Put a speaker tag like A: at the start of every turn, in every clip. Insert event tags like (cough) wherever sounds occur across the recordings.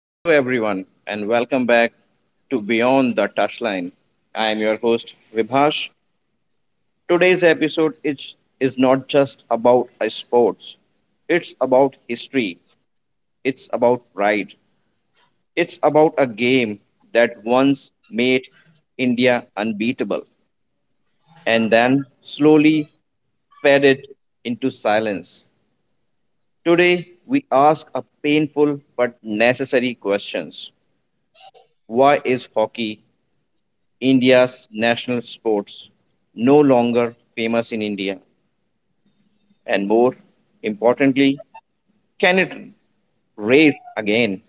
A: Hello, everyone, and welcome back to Beyond the Touchline. I am your host, Vibhash. Today's episode is not just about sports, it's about history, it's about pride, it's about a game that once made India unbeatable and then slowly faded into silence. Today, we ask a painful but necessary questions. Why is hockey India's national sports no longer famous in India? And more importantly, can it race again?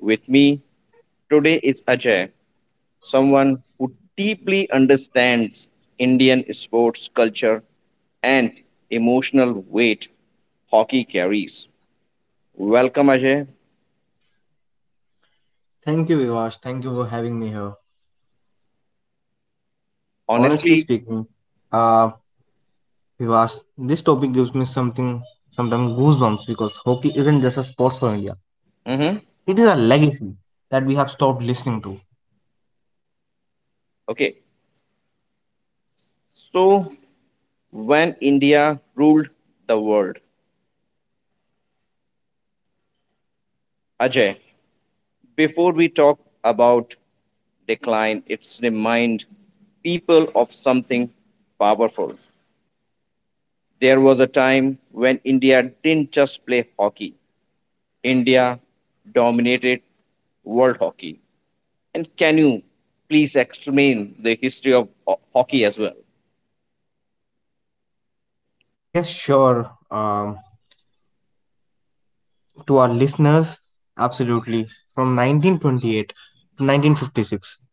A: With me today is Ajay, someone who deeply understands Indian sports culture and emotional weight hockey carries. Welcome, Ajay.
B: Thank you, Vivash. Thank you for having me here. Honestly
A: Honestly,
B: speaking, uh, Vivash, this topic gives me something, sometimes goosebumps because hockey isn't just a sports for India. It
A: mhm.
B: is a legacy that we have stopped listening to.
A: Okay. So, when India ruled the world, Ajay, before we talk about decline, it's remind people of something powerful. There was a time when India didn't just play hockey. India dominated world hockey. And can you please explain the history of hockey as well?
B: Yes, sure. To our listeners, absolutely. From 1928 to 1956,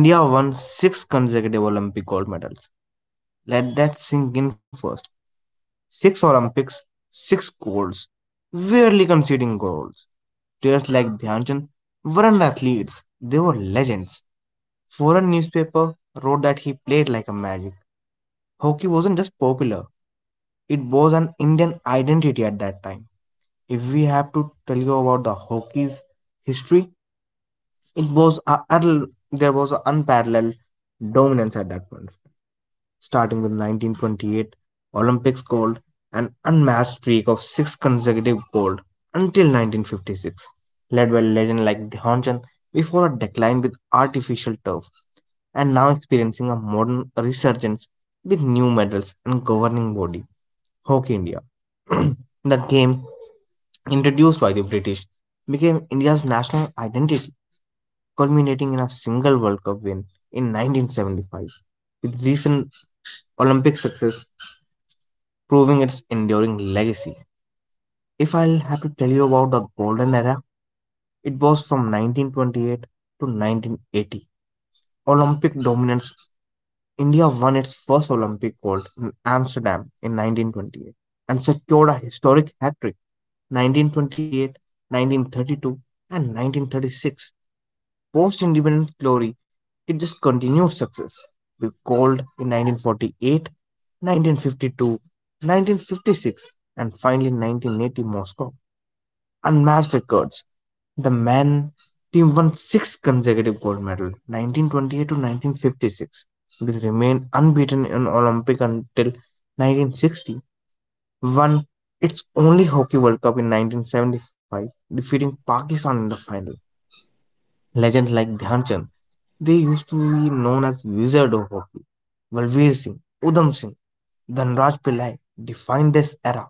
B: India won six consecutive Olympic gold medals. Let that sink in first. Six Olympics, six golds, rarely conceding goals. Players like Dhyan Chand weren't athletes, they were legends. Foreign newspaper wrote that he played like a magic. Hockey wasn't just popular, it was an Indian identity at that time. If we have to tell you about the hockey's history, it was a, there was an unparalleled dominance at that point of time, starting with 1928 Olympics gold, an unmatched streak of six consecutive gold until 1956, led by legends like the Chand, before a decline with artificial turf, and now experiencing a modern resurgence with new medals and governing body, Hockey India. (clears throat) The game, introduced by the British, became India's national identity, culminating in a single World Cup win in 1975, with recent Olympic success, proving its enduring legacy. If I'll have to tell you about the golden era, it was from 1928 to 1980. Olympic dominance. India won its first Olympic gold in Amsterdam in 1928 and secured a historic hat trick: 1928, 1932, and 1936. Post independence glory, it just continued success with gold in 1948, 1952, 1956, and finally 1980 Moscow. Unmatched records. The man team won six consecutive gold medals, 1928 to 1956. It remained unbeaten in Olympic until 1960. Won its only Hockey World Cup in 1975, defeating Pakistan in the final. Legends like Dhyan Chand, they used to be known as Wizard of Hockey. Balveer Singh, Udham Singh, Dhanraj Pillai defined this era.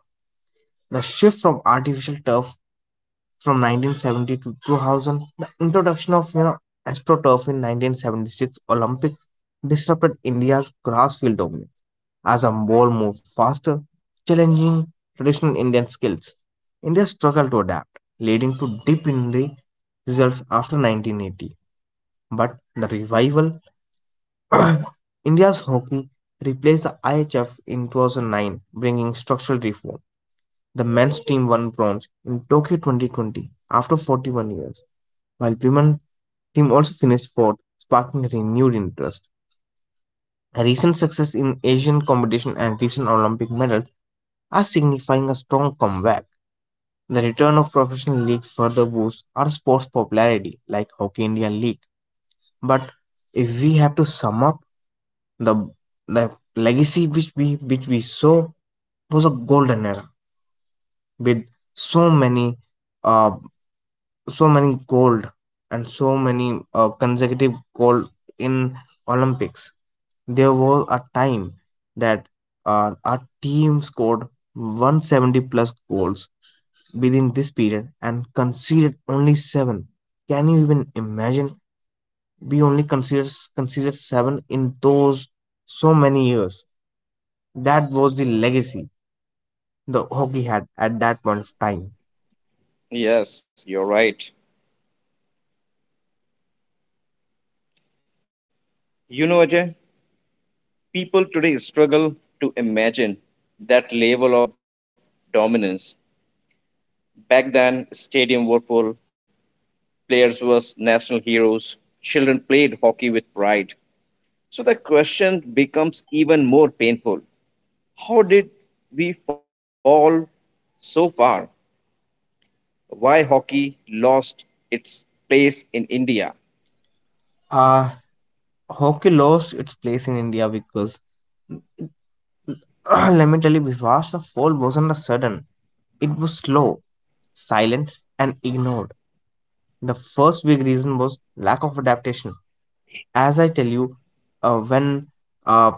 B: The shift from artificial turf from 1970 to 2000, the introduction of AstroTurf in 1976 Olympic, disrupted India's grass field dominance as a ball moved faster, challenging traditional Indian skills. India struggled to adapt, leading to dip in the results after 1980. But the revival. (clears throat) India's hockey replaced the IHF in 2009, bringing structural reform. The men's team won bronze in Tokyo 2020 after 41 years, while women's team also finished fourth, sparking renewed interest. Recent success in Asian competition and recent Olympic medals are signifying a strong comeback. The return of professional leagues further boosts our sport's popularity, like Hockey India League. But if we have to sum up, the the legacy which we saw was a golden era with so many uh so many gold and so many consecutive gold in olympics. There was a time that our team scored 170 plus goals within this period and conceded only 7. Can you even imagine we only considered 7 in those so many years? That was the legacy the hockey had at that point of time.
A: Yes, you're right. You know, Ajay, people today struggle to imagine that level of dominance. Back then, stadium were full, players were national heroes. Children played hockey with pride. So the question becomes even more painful. How did we fall so far? Why hockey lost its place in India?
B: Uh, Hockey lost its place in India because, (clears throat) let me tell you, because the fall wasn't a sudden. It was slow, silent, and ignored. The first big reason was lack of adaptation. As I tell you, uh, when uh,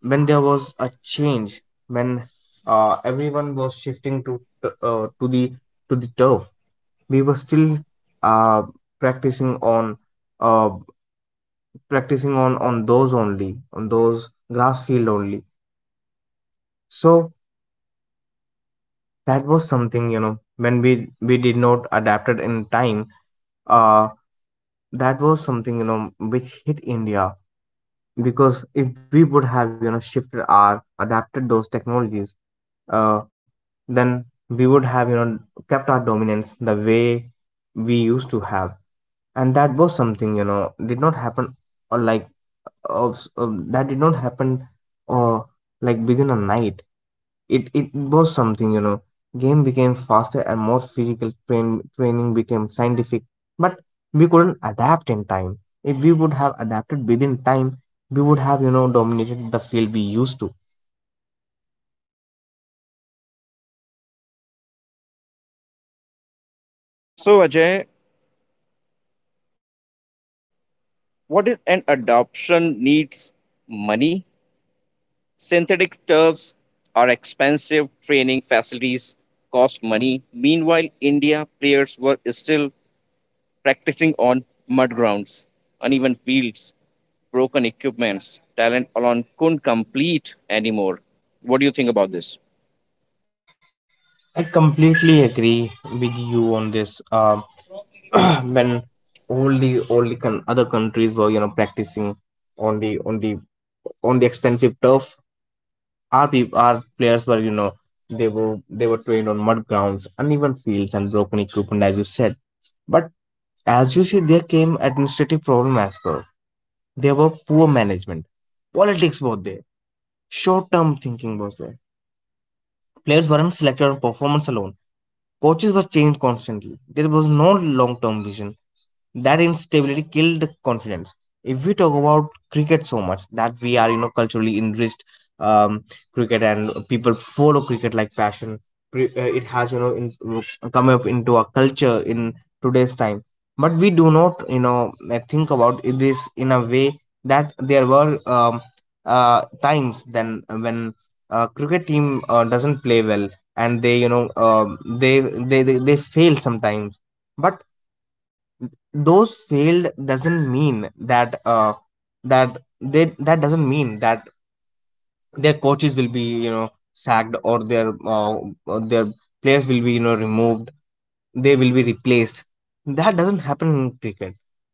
B: when there was a change, when everyone was shifting to uh, to the to the turf, we were still uh, practicing on uh, practicing on those only on those grass field only. So that was something, you know, when we did not adapted in time. uh that was something, you know, which hit india, because if we would have, you know, shifted our adapted those technologies, uh then we would have, you know, kept our dominance the way we used to have, and that was something, you know, did not happen. Or like of that did not happen or like within a night. It was something, you know, game became faster and more physical, training became scientific, but we couldn't adapt in time. If we would have adapted within time, we would have, you know, dominated the field we used to.
A: So Ajay, what is an adoption needs money? Synthetic turfs are expensive, training facilities cost money. Meanwhile, India players were still practicing on mud grounds, uneven fields, broken equipments. Talent alone couldn't complete anymore. What do you think about this?
B: I completely agree with you on this. (clears throat) When only other countries were, you know, practicing on the on the on the expensive turf, our players were, you know, they were they were trained on mud grounds, uneven fields and broken equipment, as you said. But as you see, there came administrative problem as well. There were poor management, politics were there, short term thinking was there. Players weren't selected on performance alone. Coaches were changed constantly. There was no long term vision. That instability killed confidence. If we talk about cricket, so much that we are, you know, culturally enriched. um Cricket, and people follow cricket like passion. It has, you know, come up into a culture in today's time. But we do not, you know, think about this in a way that there were times then when cricket team doesn't play well, and they, you know, they fail sometimes. But those failed doesn't mean that, that they that doesn't mean that their coaches will be, you know, sacked, or their or their players will be, you know, removed, they will be replaced. That doesn't happen in cricket.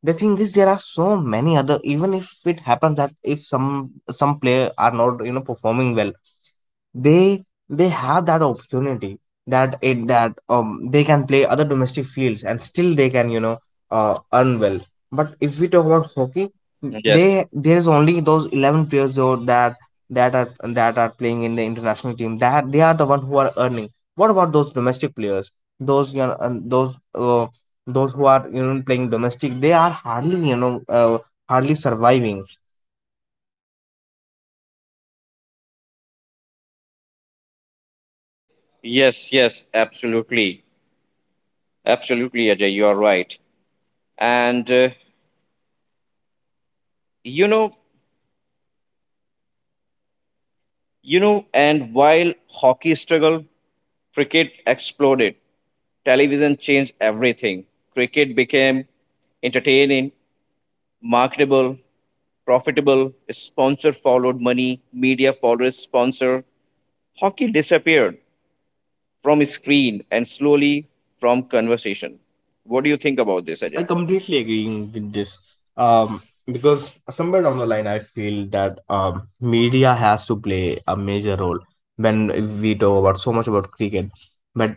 B: The thing is, there are so many other. Even if it happens that if some player are not, you know, performing well, they they have that opportunity that it that they can play other domestic fields and still they can, you know, earn well. But if we talk about hockey,
A: Yes,
B: they there is only those 11 players though that are playing in the international team, that they are the one who are earning. What about those domestic players? Those, you know, and those who are, you know, playing domestic, they are hardly, you know, hardly surviving.
A: yes, yes, absolutely, absolutely, Ajay, you are right. And you know, and while hockey struggled, cricket exploded. Television changed everything. Cricket became entertaining marketable, profitable, sponsor followed money, media followed sponsor. Hockey disappeared from screen and slowly from conversation. What do you think about this,
B: I
A: Ajay?
B: completely agree with this. Because somewhere down the line, I feel that media has to play a major role. When we talk about so much about cricket, but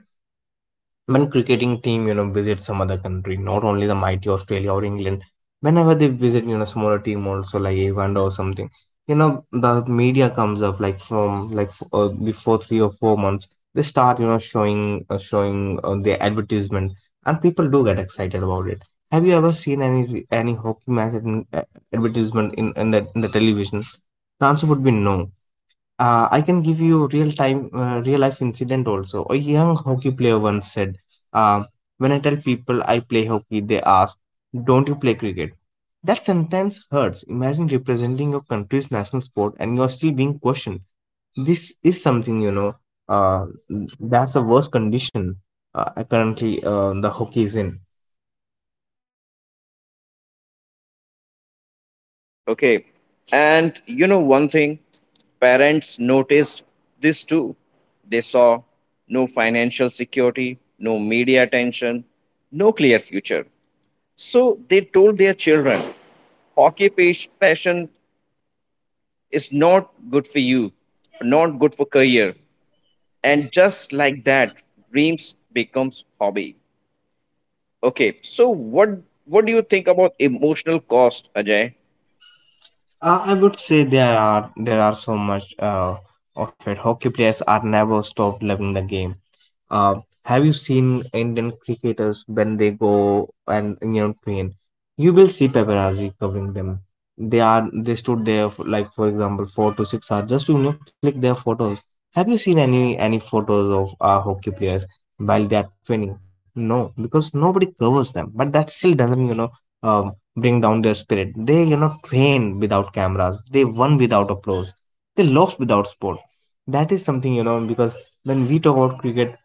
B: when cricketing team, you know, visit some other country, not only the mighty australia or england, whenever they visit, you know, smaller team also, like uganda or something, you know, the media comes up like before 3 or 4 months. They start, you know, showing the advertisement, and people do get excited about it. Have you ever seen any hockey match advertisement in the television? The answer would be no. I can give you real time, real life incident also. A young hockey player once said, uh, "When I tell people I play hockey, they ask, 'Don't you play cricket?' That sentence hurts. Imagine representing your country's national sport and you're still being questioned." This is something, you know. Uh, that's the worst condition currently the hockey is in.
A: Okay. And you know one thing, parents noticed this too. They saw no financial security, no media attention, no clear future. So they told their children, hockey passion is not good for you, not good for career. And just like that, dreams becomes hobby. Okay, so what do you think about emotional cost, Ajay?
B: I would say there are so much of it. Hockey players are never stopped loving the game. Uh, have you seen Indian cricketers when they go and, you know, train? You will see paparazzi covering them. They stood there for, like for example, 4 to 6 hours just to, you know, click their photos. Have you seen any photos of our hockey players while they are training? No, because nobody covers them. But that still doesn't, you know, um, bring down their spirit. They, you know, train without cameras. They won without applause. They lost without sport. That is something, you know, because when we talk about cricket,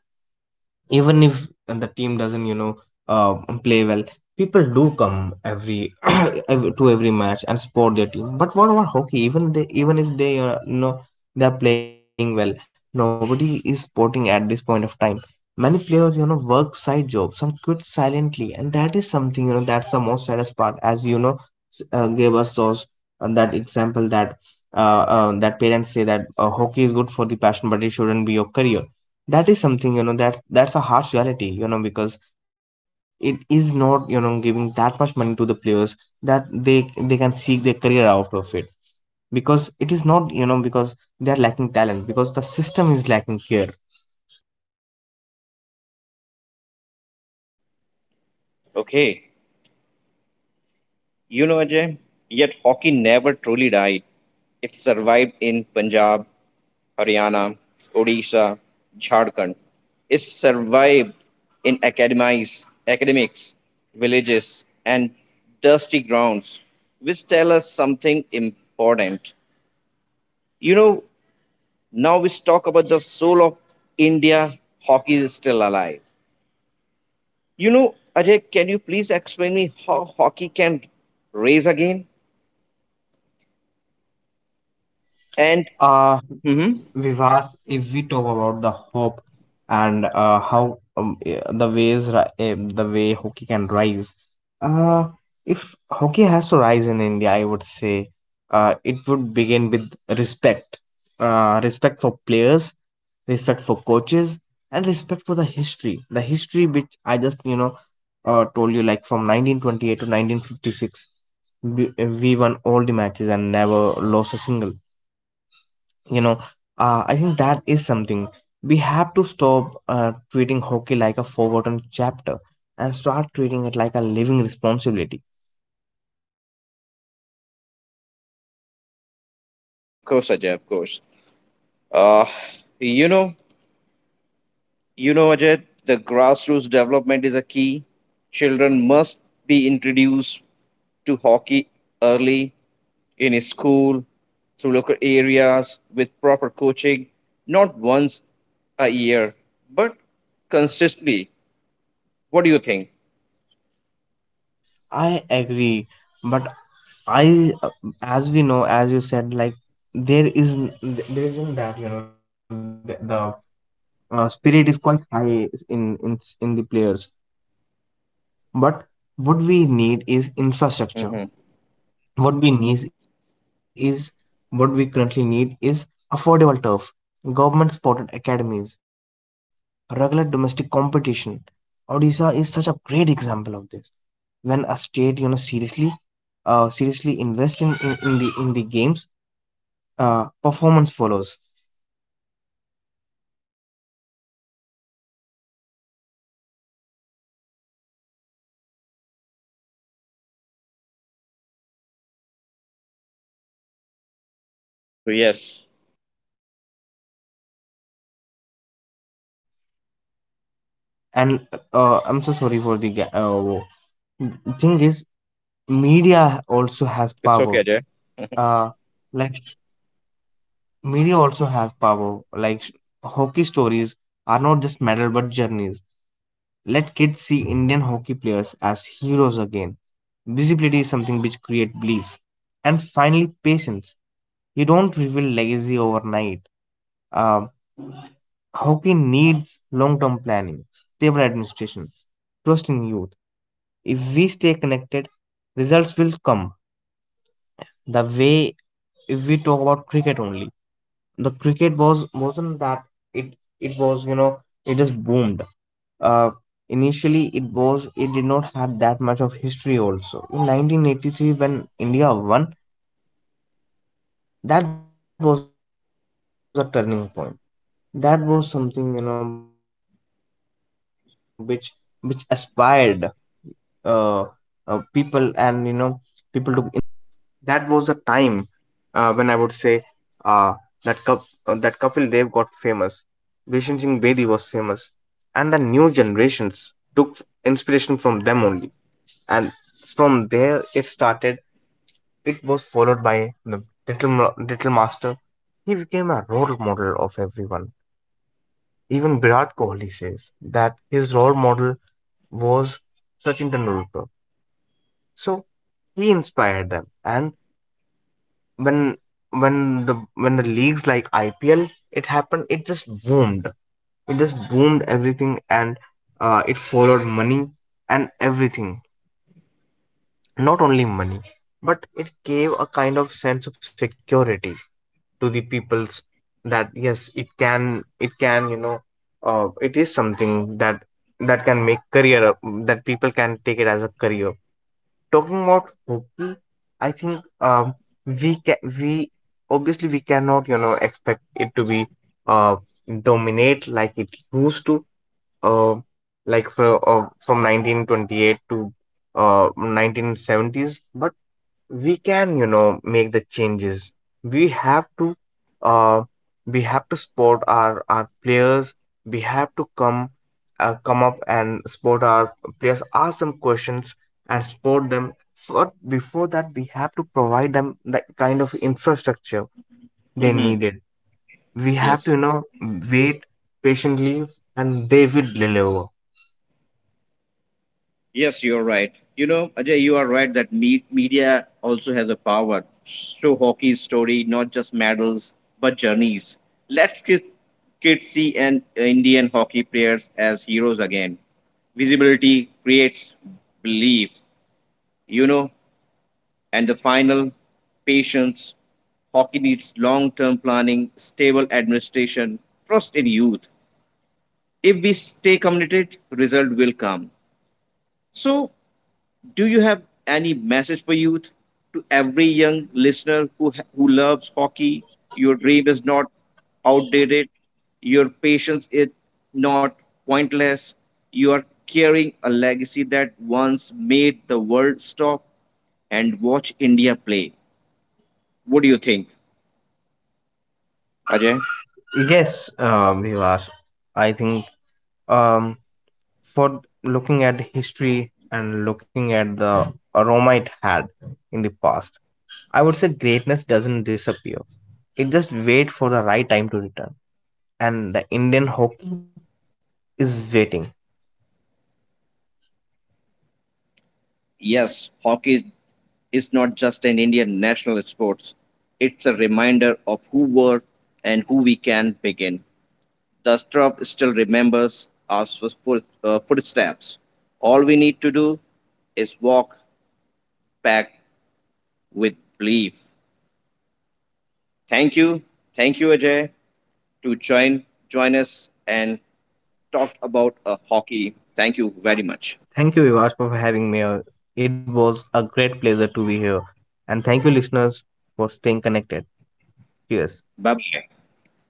B: even if the team doesn't, you know, uh, play well, people do come every (clears throat) to every match and support their team. But what about hockey? Even they even if they, you know, they are playing well, nobody is supporting at this point of time. Many players, you know, work side jobs, some quit silently, and that is something, you know, that's the most saddest part. As you know, gave us those that example that, that parents say that, hockey is good for the passion but it shouldn't be your career. That is something, you know, that's a harsh reality, you know, because it is not, you know, giving that much money to the players that they can seek their career out of it. Because it is not, you know, because they are lacking talent, because the system is lacking here.
A: Okay. You know, Ajay, yet hockey never truly died. It survived in Punjab, Haryana, Odisha, Jharkhand. It survived in academies, academics, villages, and dusty grounds, which tell us something important. You know, now we talk about the soul of India. Hockey is still alive. You know, Ajay, can you please explain me how hockey can raise again? And
B: uh
A: mhm.
B: Vivas, if we talk about the hope and, how eh, the ways ri- eh, the way hockey can rise, uh, if hockey has to rise in India, I would say it would begin with respect, respect for players, respect for coaches, and respect for the history. The history which I just told you, like from 1928 to 1956, we won all the matches and never lost a single you know I think that is something we have to stop treating hockey like a forgotten chapter and start treating it like a living responsibility.
A: Of course, Ajay, of course. Uh, you know, Ajay, the grassroots development is a key. Children must be introduced to hockey early in school, through local areas with proper coaching, not once a year, but consistently. What do you think?
B: I agree, but I uh, as we know, as you said, like there is there isn't that the spirit is quite high in in the players. But what we need is infrastructure.
A: Hmm.
B: What we need is, what we currently need is affordable turf, government supported academies, regular domestic competition. Odisha is such a great example of this. When a state, you know, seriously, seriously invest in the games, performance follows.
A: Yes,
B: And I'm so sorry for the thing is, media also has
A: it's
B: power.
A: okay, Ajay.
B: Uh, like media also have power. Hockey stories are not just medal but journeys. Let kids see Indian hockey players as heroes again. Visibility is something which creates beliefs. And finally, patience. You don't reveal legacy overnight. Uh, Hockey needs long-term planning, stable administration, trust in youth. If we stay connected, results will come. The way, if we talk about cricket only. The cricket wasn't that, it it was, it just boomed. uh Initially it was, it did not have that much of history also. In 1983 when India won, that was a turning point. That was something, which aspired uh, people, and people took inspiration from them. That was a time when I would say uh, that Kap- that Kapil Dev got famous, Vishen Singh Bedi was famous, and the new generations took inspiration from them only. And from there, it started. It was followed by the little master. He became a role model of everyone. Even Virat Kohli says that his role model was Sachin Tendulkar. So he inspired them, and when when the leagues like IPL it happened, it just boomed, it just boomed everything. And it followed money and everything. Not only money, but it gave a kind of sense of security to the peoples, that yes, it can, it is something that can make career, that people can take it as a career. Talking about hockey, I think we obviously we cannot expect it to be uh, dominate like it used to, uh, from 1928 to 1970s. But we can, make the changes. We have to uh we have to support our players. We have to come, come up and support our players, ask them questions and support them. But before that, we have to provide them the kind of infrastructure they
A: Hmm.
B: needed. We have to,
A: Yes.
B: wait patiently, and they will deliver.
A: Yes, you're right. You know, Ajay, you are right that media also has a power. Show hockey's story, not just medals, but journeys. Let kids, kids see and Indian hockey players as heroes again. Visibility creates belief, you know. And the final, patience. Hockey needs long-term planning, stable administration, trust in youth. If we stay committed, result will come. So do you have any message for youth to every young listener who who loves hockey, your dream is not outdated, your patience is not pointless, you are carrying a legacy that once made the world stop and watch India play. What do you think, Ajay?
B: Yes, Vikas, I think, um for looking at history and looking at the aroma it had in the past, I would say greatness doesn't disappear. It just wait for the right time to return, and the Indian hockey is waiting.
A: Yes, hockey is not just an Indian national sport. It's a reminder of who were and who we can begin. The strap still remembers our footsteps. All we need to do is walk back with belief. Thank you. Thank you, Ajay, to join us and talk about hockey. Thank you very much.
B: Thank you, Vivash, for having me here. It was a great pleasure to be here, and thank you listeners for staying connected. Cheers.
A: Bye bye.